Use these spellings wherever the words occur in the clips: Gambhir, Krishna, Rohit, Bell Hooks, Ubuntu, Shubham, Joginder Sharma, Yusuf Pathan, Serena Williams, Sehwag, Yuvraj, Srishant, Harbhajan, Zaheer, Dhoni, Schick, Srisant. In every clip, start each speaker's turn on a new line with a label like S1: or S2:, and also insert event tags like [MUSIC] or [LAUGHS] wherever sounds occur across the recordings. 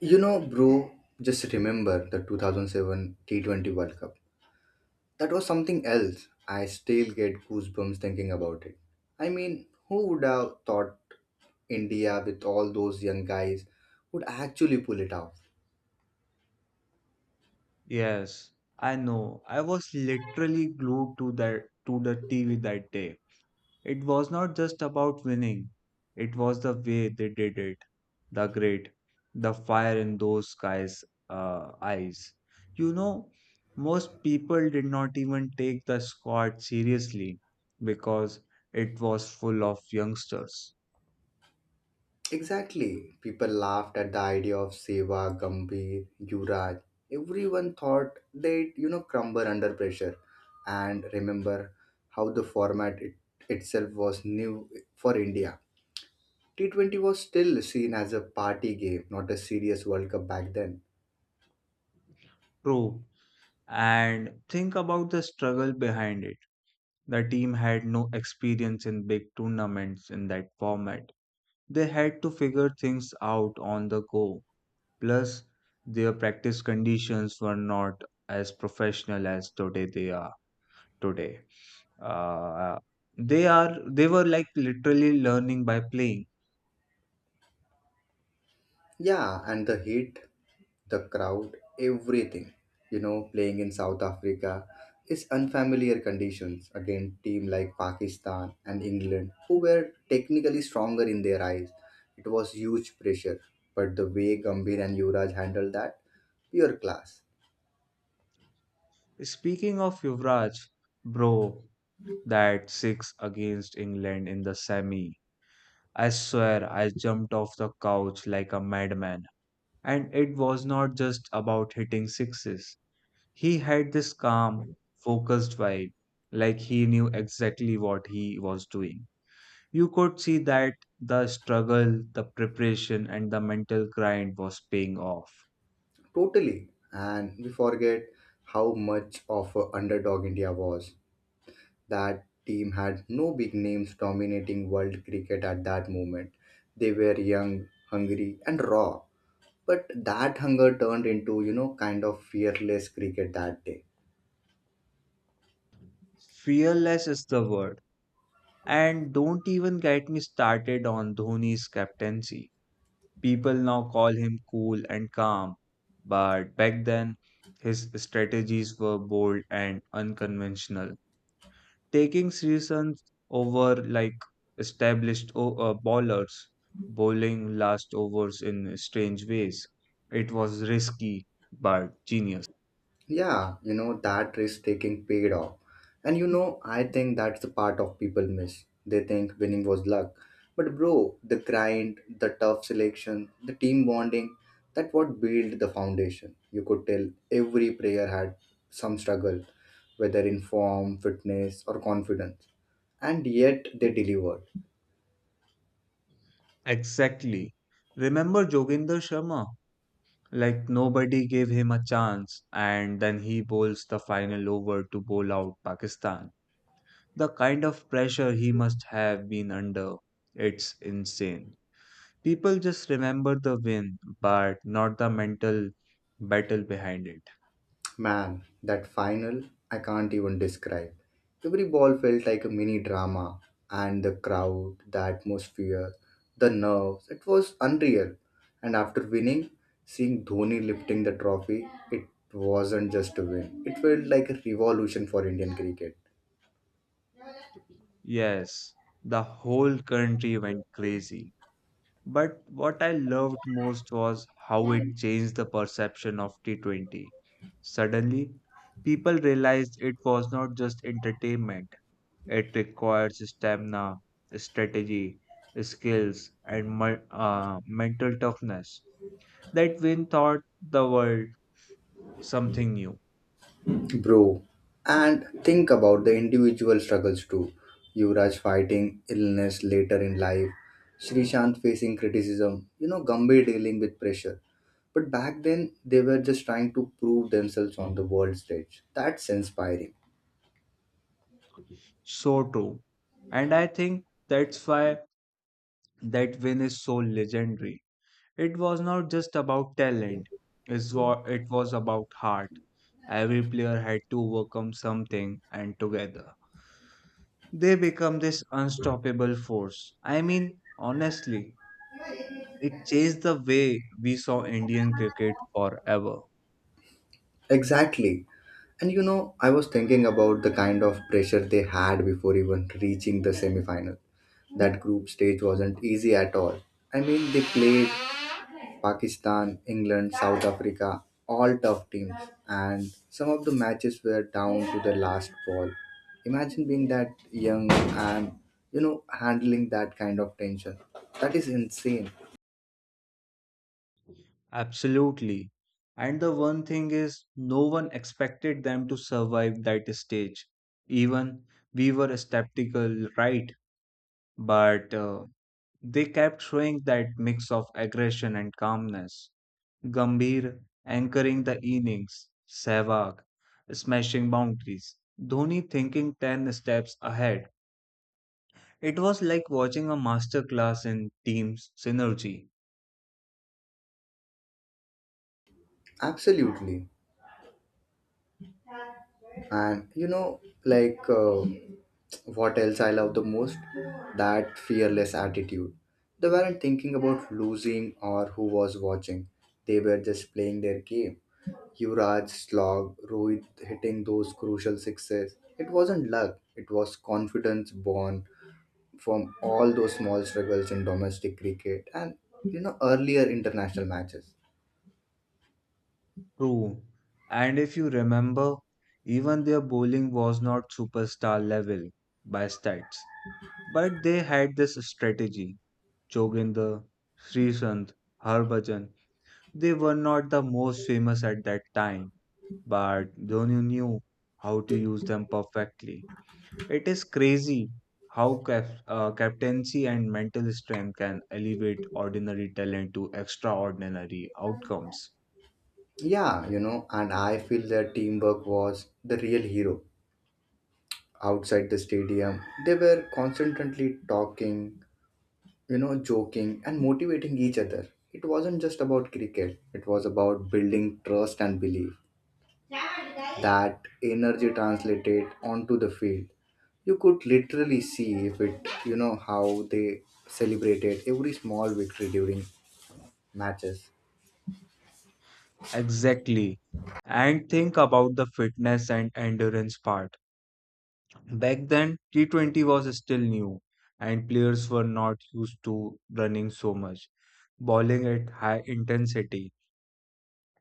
S1: You know, bro, just remember the 2007 T20 World Cup. That was something else. I still get goosebumps thinking about it. I mean, who would have thought India with all those young guys would actually pull it off?
S2: Yes, I know. I was literally glued to that to the TV that day. It was not just about winning. It was the way they did it. The grit, the fire in those guys' eyes. You know, most people did not even take the squad seriously because it was full of youngsters.
S1: Exactly. People laughed at the idea of Seva, Gambhir, Yuvraj. Everyone thought they'd, you know, crumble under pressure. And remember how the format itself was new for India. T20 was still seen as a party game, not a serious World Cup back then.
S2: True. And think about the struggle behind it. The team had no experience in big tournaments in that format. They had to figure things out on the go. Plus, their practice conditions were not as professional as today. Uh, they are they were like literally learning by playing.
S1: Yeah, and the heat, the crowd, everything. You know, playing in South Africa is unfamiliar conditions against team like Pakistan and England, who were technically stronger in their eyes. It was huge pressure, but the way Gambhir and Yuvraj handled that, pure class.
S2: Speaking of Yuvraj, bro, that six against England in the semi. I swear I jumped off the couch like a madman. And it was not just about hitting sixes. He had this calm, focused vibe, like he knew exactly what he was doing. You could see that the struggle, the preparation, and the mental grind was paying off.
S1: Totally. And we forget how much of an underdog India was. That team had no big names dominating world cricket at that moment. They were young, hungry, and raw. But that hunger turned into, you know, kind of fearless cricket that day.
S2: Fearless is the word. And don't even get me started on Dhoni's captaincy. People now call him cool and calm, but back then his strategies were bold and unconventional. Taking seasons over like established bowlers, bowling last overs in strange ways. It was risky but genius.
S1: Yeah, you know, that risk taking paid off. And you know, I think that's the part of people miss. They think winning was luck. But bro, the grind, the tough selection, the team bonding, that what built the foundation. You could tell every player had some struggle, whether in form, fitness, or confidence. And yet they delivered.
S2: Exactly. Remember Joginder Sharma? Like nobody gave him a chance, and then he bowls the final over to bowl out Pakistan. The kind of pressure he must have been under, it's insane. People just remember the win, but not the mental battle behind it.
S1: Man, that final, I can't even describe. Every ball felt like a mini drama, and the crowd, the atmosphere, the nerves, it was unreal. And after winning, seeing Dhoni lifting the trophy, it wasn't just a win, it felt like a revolution for Indian cricket.
S2: Yes, the whole country went crazy. But what I loved most was how it changed the perception of T20. Suddenly, people realized it was not just entertainment, it requires stamina, strategy, skills, and mental toughness. That win taught the world something new.
S1: Bro, and think about the individual struggles too. Yuvraj fighting illness later in life, Srishant facing criticism, you know, Gambhir dealing with pressure. But back then, they were just trying to prove themselves on the world stage. That's inspiring.
S2: So true. And I think that's why that win is so legendary. It was not just about talent, it was about heart. Every player had to overcome something, and together they become this unstoppable force. I mean, honestly, it changed the way we saw Indian cricket forever.
S1: Exactly. And you know, I was thinking about the kind of pressure they had before even reaching the semifinal. That group stage wasn't easy at all. I mean, they played Pakistan, England, South Africa, all tough teams, and some of the matches were down to the last ball. Imagine being that young and you know handling that kind of tension. That is insane.
S2: Absolutely. And the one thing is, no one expected them to survive that stage. Even we were skeptical, right? But they kept showing that mix of aggression and calmness. Gambhir anchoring the innings, Sehwag smashing boundaries, Dhoni thinking 10 steps ahead. It was like watching a masterclass in team synergy.
S1: Absolutely. And you know, like what else I love the most? That fearless attitude. They weren't thinking about losing or who was watching. They were just playing their game. Yuvraj, Slog, Rohit hitting those crucial sixes. It wasn't luck, it was confidence born from all those small struggles in domestic cricket and you know earlier international matches.
S2: True. And if you remember, even their bowling was not superstar level by stats. But they had this strategy. Joginder, Srisant, Harbhajan, they were not the most famous at that time, but Dhoni knew how to use them perfectly. It is crazy how captaincy and mental strength can elevate ordinary talent to extraordinary outcomes.
S1: Yeah, you know, and I feel their teamwork was the real hero. Outside the stadium, they were constantly talking, you know, joking and motivating each other. It wasn't just about cricket, it was about building trust and belief. That energy translated onto the field. You could literally see if it you know how they celebrated every small victory during matches.
S2: Exactly. And think about the fitness and endurance part. Back then, T20 was still new, and players were not used to running so much, bowling at high intensity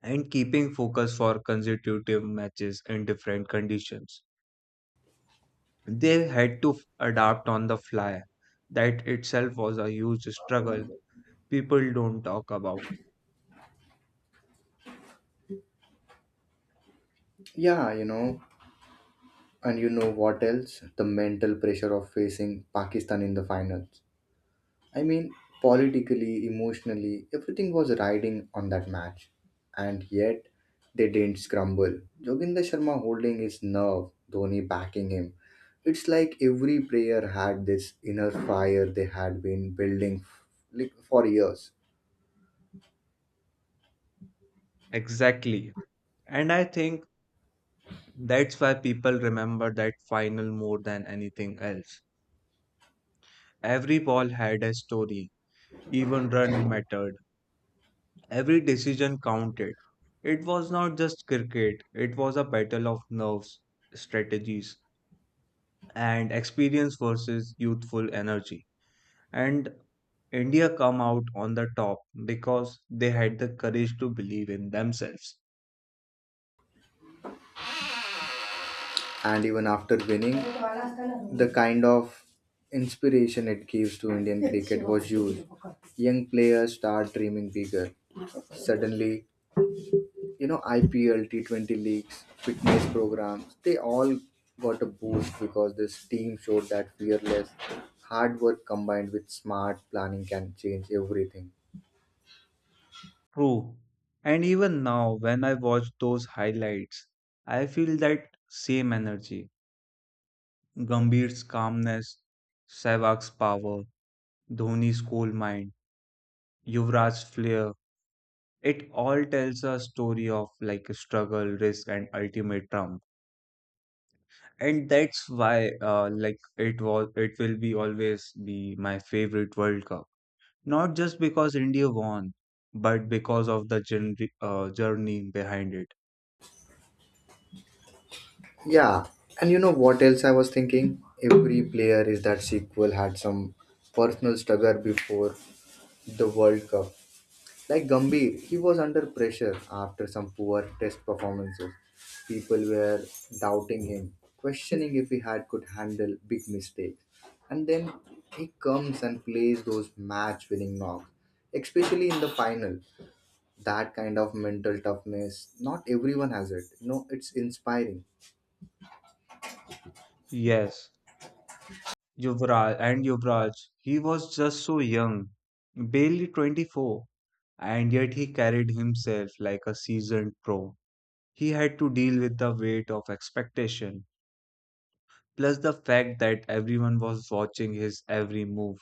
S2: and keeping focus for consecutive matches in different conditions. They had to adapt on the fly. That itself was a huge struggle people don't talk about.
S1: Yeah, you know, and you know what else, the mental pressure of facing Pakistan in the finals. I mean, politically, emotionally, everything was riding on that match. And yet, they didn't scramble. Joginder Sharma holding his nerve, Dhoni backing him. It's like every player had this inner fire they had been building like for years.
S2: Exactly. And I think that's why people remember that final more than anything else. Every ball had a story, even run mattered, every decision counted. It was not just cricket, it was a battle of nerves, strategies, and experience versus youthful energy. And India come out on the top because they had the courage to believe in themselves.
S1: And even after winning, the kind of inspiration it gives to Indian [LAUGHS] cricket was huge. Young players start dreaming bigger. Suddenly, you know, IPL, T20 leagues, fitness programs, they all got a boost because this team showed that fearless hard work combined with smart planning can change everything.
S2: True. And even now, when I watch those highlights, I feel that same energy. Gambhir's calmness, Sehwag's power, Dhoni's cool mind, Yuvraj's flair. It all tells a story of like a struggle, risk, and ultimate triumph. And that's why, like, it will be always be my favorite World Cup, not just because India won but because of the journey behind it.
S1: Yeah, and you know what else I was thinking? Every player is that sequel had some personal struggle before the World Cup. Like Gambhir, he was under pressure after some poor test performances. People were doubting him, questioning if he had could handle big mistakes. And then he comes and plays those match winning knocks, especially in the final. That kind of mental toughness, not everyone has it. You know, it's inspiring.
S2: Yes, Yuvraj, he was just so young, barely 24, and yet he carried himself like a seasoned pro. He had to deal with the weight of expectation, plus the fact that everyone was watching his every move.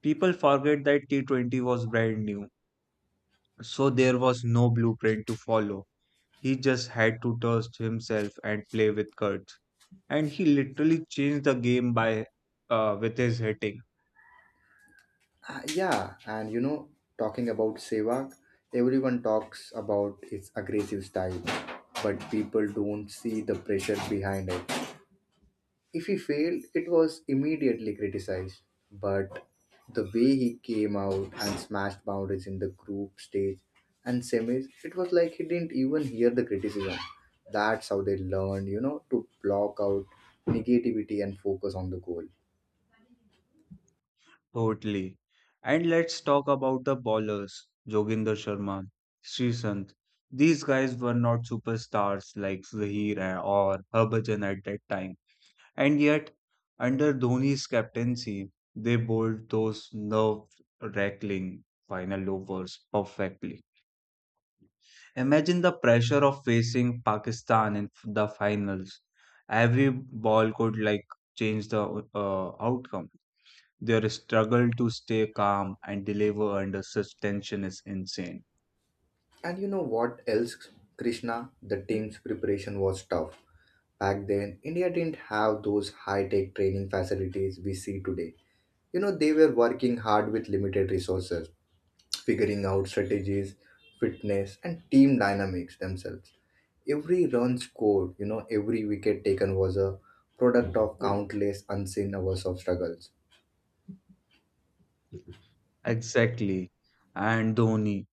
S2: People forget that T20 was brand new, so there was no blueprint to follow. He just had to trust himself and play with cards. And he literally changed the game by with his hitting.
S1: Yeah, and you know, talking about Sehwag, everyone talks about his aggressive style, but people don't see the pressure behind it. If he failed, it was immediately criticized. But the way he came out and smashed boundaries in the group stage and semis, it was like he didn't even hear the criticism. That's how they learned, you know, to block out negativity and focus on the goal.
S2: Totally. And let's talk about the ballers, Joginder Sharma, Srisant. These guys were not superstars like Zaheer or Harbhajan at that time. And yet, under Dhoni's captaincy, they bowled those nerve wracking final overs perfectly. Imagine the pressure of facing Pakistan in the finals. Every ball could like change the outcome. Their struggle to stay calm and deliver under such tension is insane.
S1: And you know what else, Krishna? The team's preparation was tough. Back then, India didn't have those high tech training facilities we see today. You know, they were working hard with limited resources, figuring out strategies, fitness, and team dynamics themselves. Every run scored, you know, every wicket taken was a product of countless unseen hours of struggles.
S2: Exactly. And Dhoni,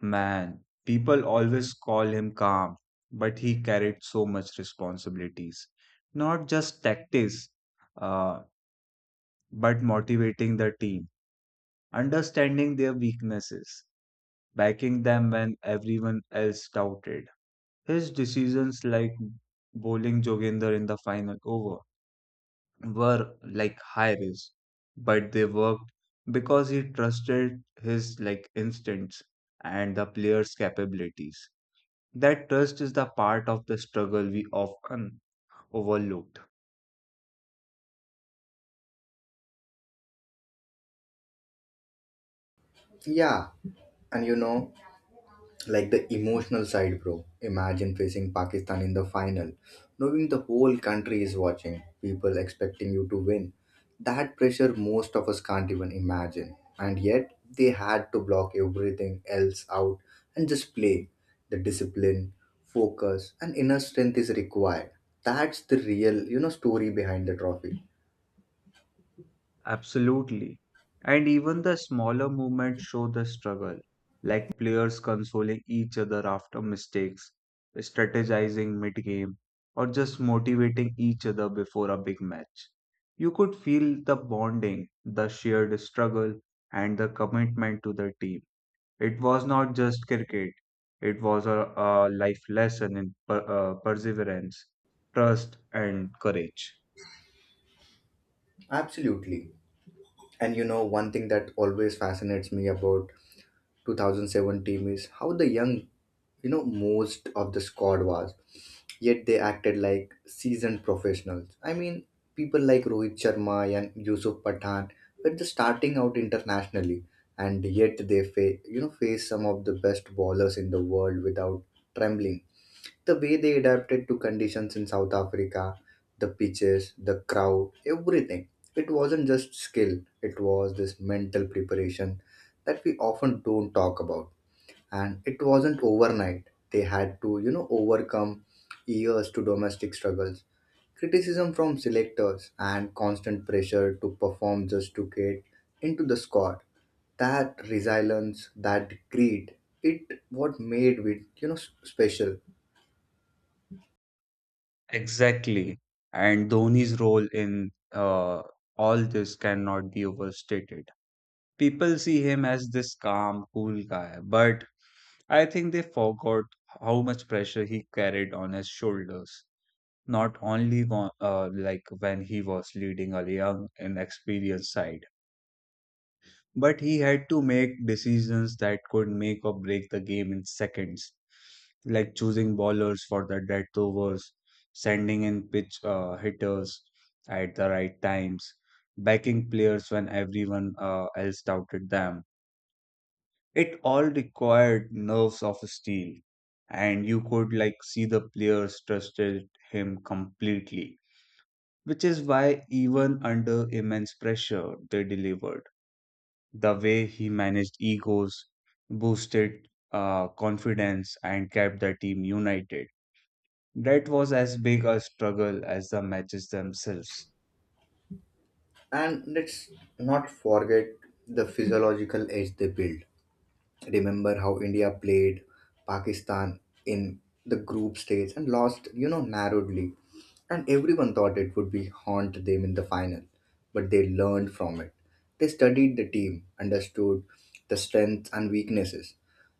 S2: man, people always call him calm, but he carried so much responsibilities. Not just tactics, uh, but motivating the team, understanding their weaknesses, backing them when everyone else doubted. His decisions, like bowling Joginder in the final over, were like high risk, but they worked because he trusted his like instincts and the players' capabilities. That trust is the part of the struggle we often overlooked.
S1: Yeah, and you know, like the emotional side, bro, imagine facing Pakistan in the final, knowing the whole country is watching, people expecting you to win. That pressure most of us can't even imagine, and yet they had to block everything else out and just play. The discipline, focus and inner strength is required. That's the real, you know, story behind the trophy.
S2: Absolutely. And even the smaller movements show the struggle, like players consoling each other after mistakes, strategizing mid game, or just motivating each other before a big match. You could feel the bonding, the shared struggle, and the commitment to the team. It was not just cricket, it was a life lesson in perseverance, trust, and courage.
S1: Absolutely. And you know one thing that always fascinates me about 2007 team is how the young, you know, most of the squad was. Yet they acted like seasoned professionals. I mean, people like Rohit Sharma and Yusuf Pathan were just starting out internationally, and yet they you know face some of the best bowlers in the world without trembling. The way they adapted to conditions in South Africa, the pitches, the crowd, everything. It wasn't just skill, it was this mental preparation that we often don't talk about. And it wasn't overnight. They had to, you know, overcome years to domestic struggles, criticism from selectors, and constant pressure to perform just to get into the squad. That resilience, that greed, it what made it, you know, special.
S2: Exactly. And Dhoni's role in all this cannot be overstated. People see him as this calm, cool guy, but I think they forgot how much pressure he carried on his shoulders. Not only wa- Like when he was leading a young and experienced side, but he had to make decisions that could make or break the game in seconds, like choosing bowlers for the death overs, sending in pitch hitters at the right times, backing players when everyone else doubted them. It all required nerves of steel, and you could like see the players trusted him completely, which is why even under immense pressure they delivered. The way he managed egos, boosted confidence, and kept the team united. That was as big a struggle as the matches themselves.
S1: And let's not forget the physiological edge they build. Remember how India played Pakistan in the group stage and lost, you know, narrowly. And everyone thought it would be haunt them in the final. But they learned from it. They studied the team, understood the strengths and weaknesses,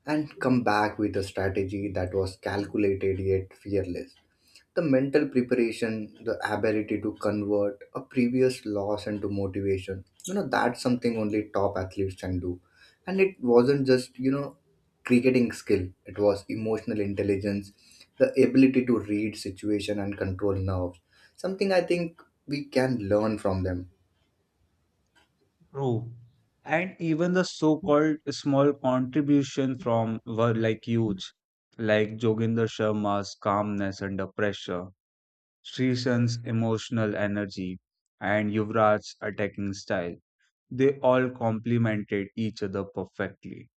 S1: and come back with a strategy that was calculated yet fearless. The mental preparation, the ability to convert a previous loss into motivation, you know, that's something only top athletes can do. And it wasn't just, you know, cricketing skill, it was emotional intelligence, the ability to read situation and control nerves. Something I think we can learn from them.
S2: True. And even the so called small contribution from were like huge, like Joginder Sharma's calmness under pressure, Srisan's emotional energy, and Yuvraj's attacking style. They all complemented each other perfectly.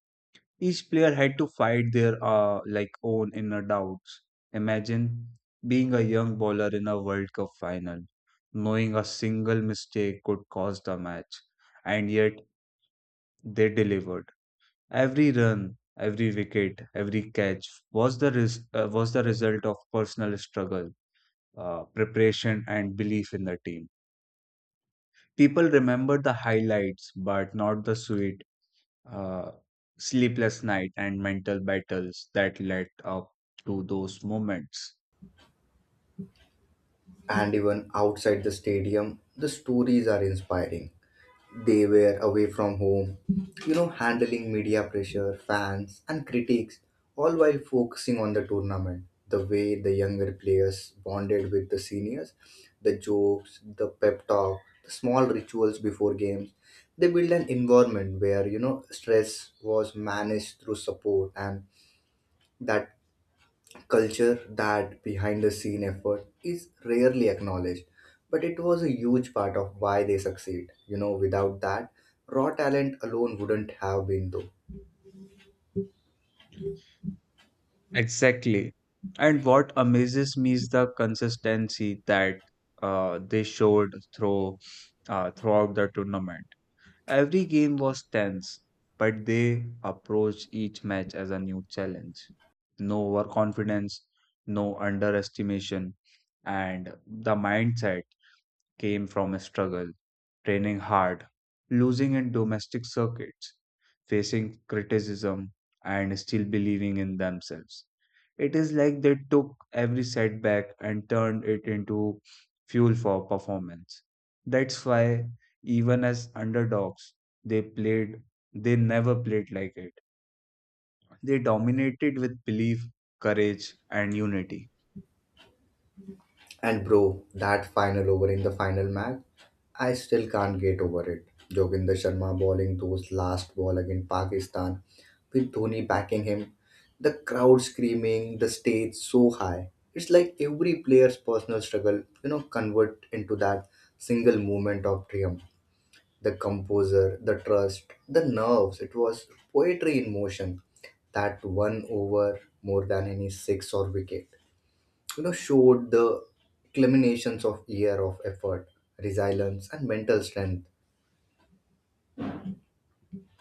S2: Each player had to fight their like own inner doubts. Imagine being a young bowler in a World Cup final, knowing a single mistake could cost the match, and yet they delivered. Every run, every wicket, every catch was the was the result of personal struggle, preparation, and belief in the team. People remember the highlights, but not the sweet uh, sleepless night and mental battles that led up to those moments.
S1: And even outside the stadium, the stories are inspiring. They were away from home, you know, handling media pressure, fans, and critics, all while focusing on the tournament. The way the younger players bonded with the seniors, the jokes, the pep talk, the small rituals before games, they built an environment where, you know, stress was managed through support. And that culture, that behind the scene effort is rarely acknowledged, but it was a huge part of why they succeed. You know, without that, raw talent alone wouldn't have been though.
S2: Exactly. And what amazes me is the consistency that they showed throughout the tournament. Every game was tense, but they approached each match as a new challenge. No overconfidence, no underestimation, and the mindset came from a struggle, training hard, losing in domestic circuits, facing criticism, and still believing in themselves. It is like they took every setback and turned it into fuel for performance. That's why, even as underdogs, they played, they never played like it. They dominated with belief, courage, and unity.
S1: And bro, that final over in the final match, I still can't get over it. Joginder Sharma bowling those last ball against Pakistan, with Dhoni backing him, the crowd screaming, the stage so high. It's like every player's personal struggle, you know, convert into that single moment of triumph. The composer, the trust, the nerves. It was poetry in motion. That one over, more than any six or wicket, you know, showed the culminations of year of effort, resilience, and mental strength.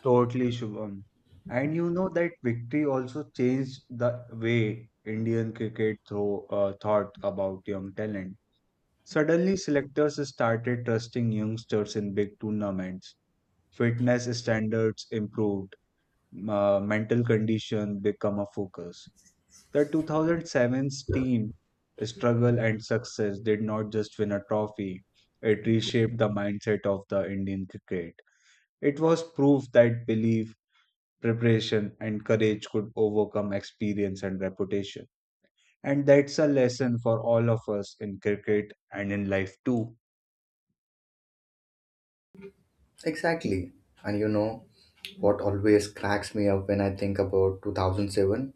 S2: Totally, Shubham. And you know that victory also changed the way Indian cricket thought about young talent. Suddenly, selectors started trusting youngsters in big tournaments. Fitness standards improved. Mental condition become a focus. The 2007's team struggle and success did not just win a trophy; it reshaped the mindset of the Indian cricket. It was proof that belief, preparation and courage could overcome experience and reputation. And that's a lesson for all of us in cricket and in life too.
S1: Exactly. And you know what always cracks me up when I think about 2007?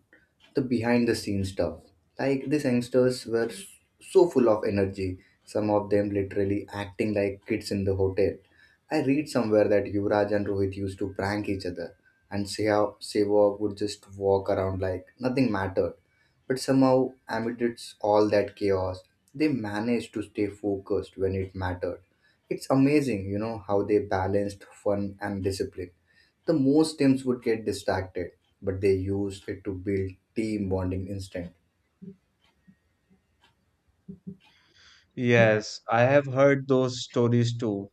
S1: The behind the scenes stuff. Like these youngsters were so full of energy, some of them literally acting like kids in the hotel. I read somewhere that Yuvraj and Rohit used to prank each other, and Sehwag would just walk around like nothing mattered. But somehow, amidst all that chaos, they managed to stay focused when it mattered. It's amazing, you know, how they balanced fun and discipline. The most teams would get distracted, but they used it to build team bonding instinct.
S2: Yes, I have heard those stories too.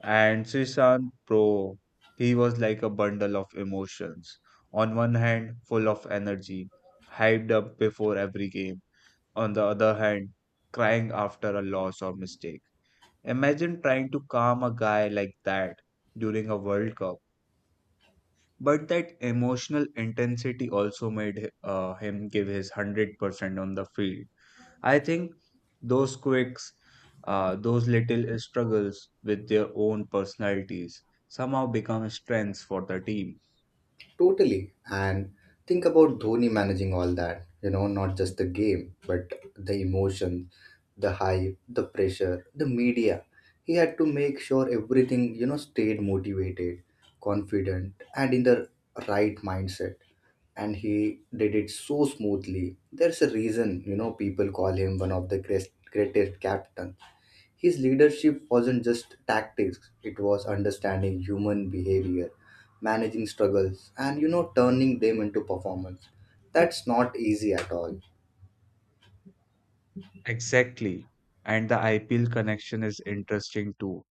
S2: And Srisan, bro, he was like a bundle of emotions. On one hand, full of energy, hyped up before every game. On the other hand, crying after a loss or mistake. Imagine trying to calm a guy like that during a World Cup. But that emotional intensity also made him give his 100% on the field. I think those quirks, those little struggles with their own personalities somehow become strengths for the team.
S1: Totally. And think about Dhoni managing all that, you know, not just the game, but the emotions, the hype, the pressure, the media. He had to make sure everything, you know, stayed motivated, confident, and in the right mindset. And he did it so smoothly. There's a reason, you know, people call him one of the greatest captains. His leadership wasn't just tactics, it was understanding human behavior, managing struggles, and you know, turning them into performance. That's not easy at all.
S2: Exactly. And the IPL connection is interesting too.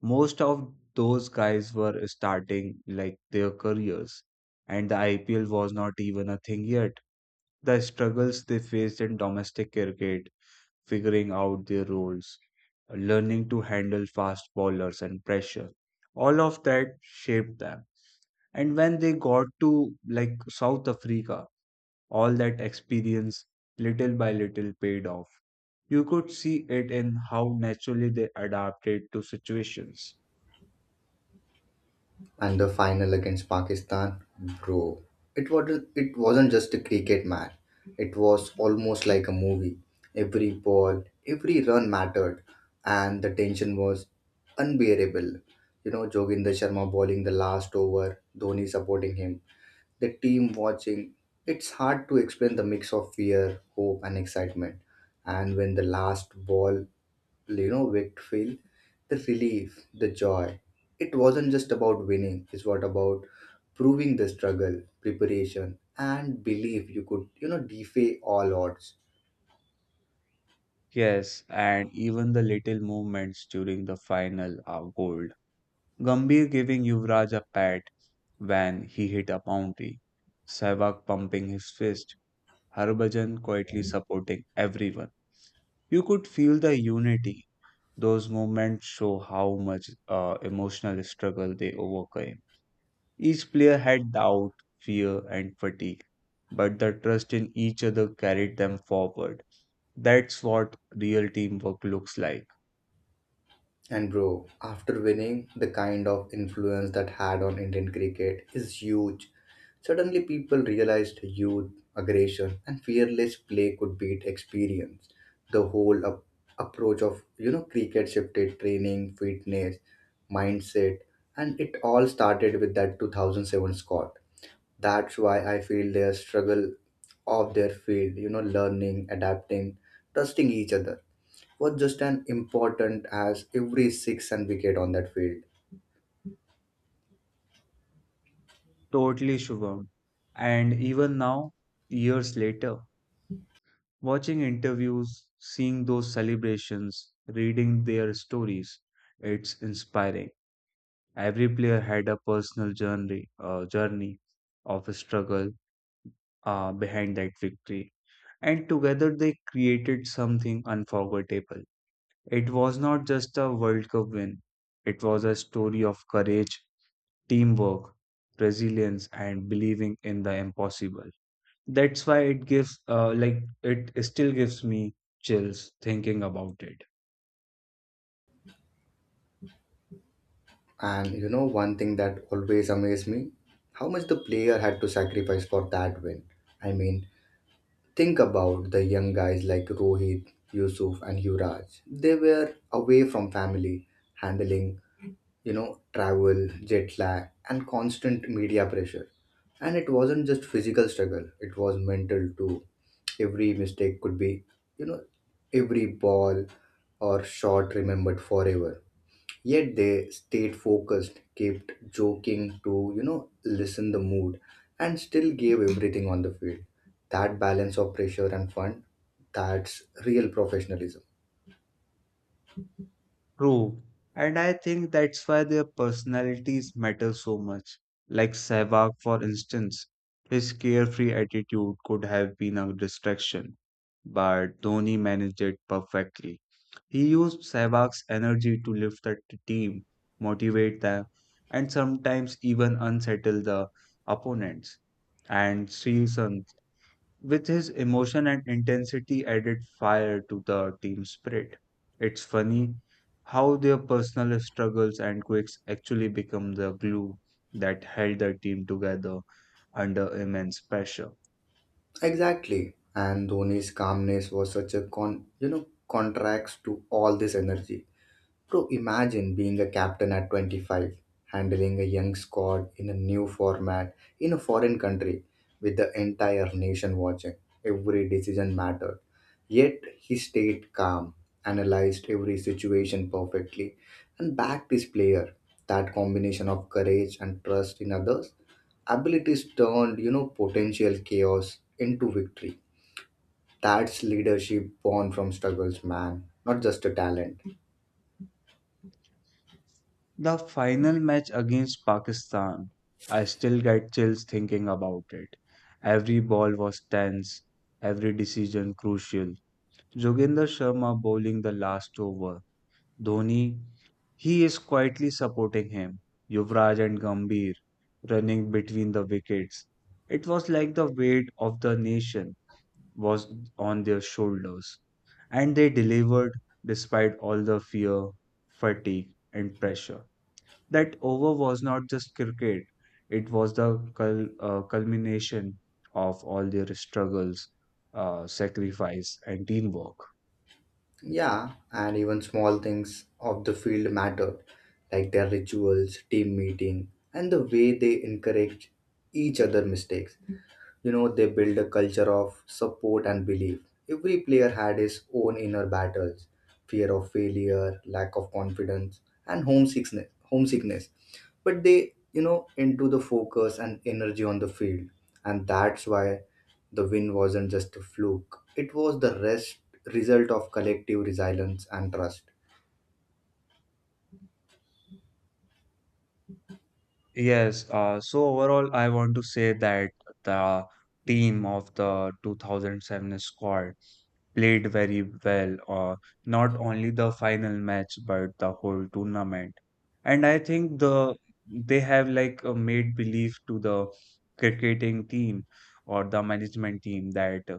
S2: Most of those guys were starting like their careers, and the IPL was not even a thing yet. The struggles they faced in domestic cricket, figuring out their roles, learning to handle fast bowlers and pressure. All of that shaped them. And when they got to like South Africa, all that experience little by little paid off. You could see it in how naturally they adapted to situations.
S1: And the final against Pakistan, bro, it wasn't just a cricket match, it was almost like a movie. Every ball, every run mattered, and the tension was unbearable. You know, Joginder Sharma bowling the last over, Dhoni supporting him, the team watching. It's hard to explain the mix of fear, hope, and excitement. And when the last ball, you know, wicked fell, the relief, the joy. It wasn't just about winning. It's what about proving the struggle, preparation, and belief you could, you know, defy all odds.
S2: Yes, and even the little movements during the final are gold. Gambhir giving Yuvraj a pat when he hit a boundary, Sehwag pumping his fist, Harbhajan quietly supporting everyone. You could feel the unity. Those moments show how much emotional struggle they overcame. Each player had doubt, fear, and fatigue, but the trust in each other carried them forward. That's what real teamwork looks like.
S1: And bro, after winning, the kind of influence that had on Indian cricket is huge. Suddenly, people realized youth, aggression, and fearless play could beat experience. The whole approach of you know cricket shifted, training, fitness, mindset, and it all started with that 2007 squad. That's why I feel their struggle of their field, you know, learning, adapting, trusting each other was just an important as every six and wicket on that field.
S2: Totally, Shubham. And even now, years later, watching interviews, seeing those celebrations, reading their stories, it's inspiring. Every player had a personal journey of struggle behind that victory, and together they created something unforgettable. It was not just a World Cup win; it was a story of courage, teamwork, resilience, and believing in the impossible. That's why it gives, like, it still gives me chills thinking about it.
S1: And you know, one thing that always amazed me, how much the player had to sacrifice for that win. I mean, think about the young guys like Rohit, Yusuf, and Yuvraj. They were away from family, handling you know, travel, jet lag, and constant media pressure. And it wasn't just physical struggle, it was mental too. Every mistake could be, you know, every ball or shot remembered forever. Yet they stayed focused, kept joking to, you know, lessen the mood, and still gave everything on the field. That balance of pressure and fun, that's real professionalism.
S2: True. And I think that's why their personalities matter so much. Like Sehwag, for instance, his carefree attitude could have been a distraction, but Dhoni managed it perfectly. He used Sehwag's energy to lift the team, motivate them, and sometimes even unsettle the opponents. And Srisan with his emotion and intensity added fire to the team spirit. It's funny how their personal struggles and quirks actually become the glue that held the team together under immense pressure.
S1: Exactly. And Dhoni's calmness was such a you know, contrast to all this energy. Bro, imagine being a captain at 25, handling a young squad in a new format in a foreign country with the entire nation watching. Every decision mattered. Yet he stayed calm, analyzed every situation perfectly, and backed his player. That combination of courage and trust in others' abilities turned, you know, potential chaos into victory. That's leadership born from struggles, man, not just a talent.
S2: The final match against Pakistan, I still get chills thinking about it. Every ball was tense, every decision crucial. Joginder Sharma bowling the last over, Dhoni, he is quietly supporting him. Yuvraj and Gambhir running between the wickets. It was like the weight of the nation was on their shoulders. And they delivered despite all the fear, fatigue, and pressure. That over was not just cricket, it was the culmination of all their struggles, sacrifice, and teamwork.
S1: Yeah, and even small things of the field matter, like their rituals, team meeting, and the way they encourage each other mistakes. You know, they build a culture of support and belief. Every player had his own inner battles, fear of failure, lack of confidence, and homesickness. But they, you know, into the focus and energy on the field. And that's why the win wasn't just a fluke, it was the rest result of collective resilience and trust.
S2: Yes, so overall, I want to say that the team of the 2007 squad played very well, not only the final match but the whole tournament. And I think they have like made belief to the cricketing team or the management team that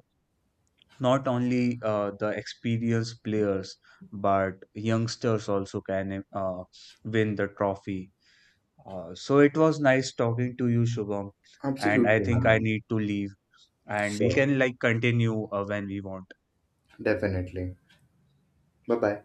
S2: not only the experienced players but youngsters also can win the trophy. So it was nice talking to you, Shubham, and I
S1: Absolutely,
S2: think I
S1: man.
S2: need to leave, and we
S1: Sure,
S2: can like continue when we want.
S1: definitely. Bye bye.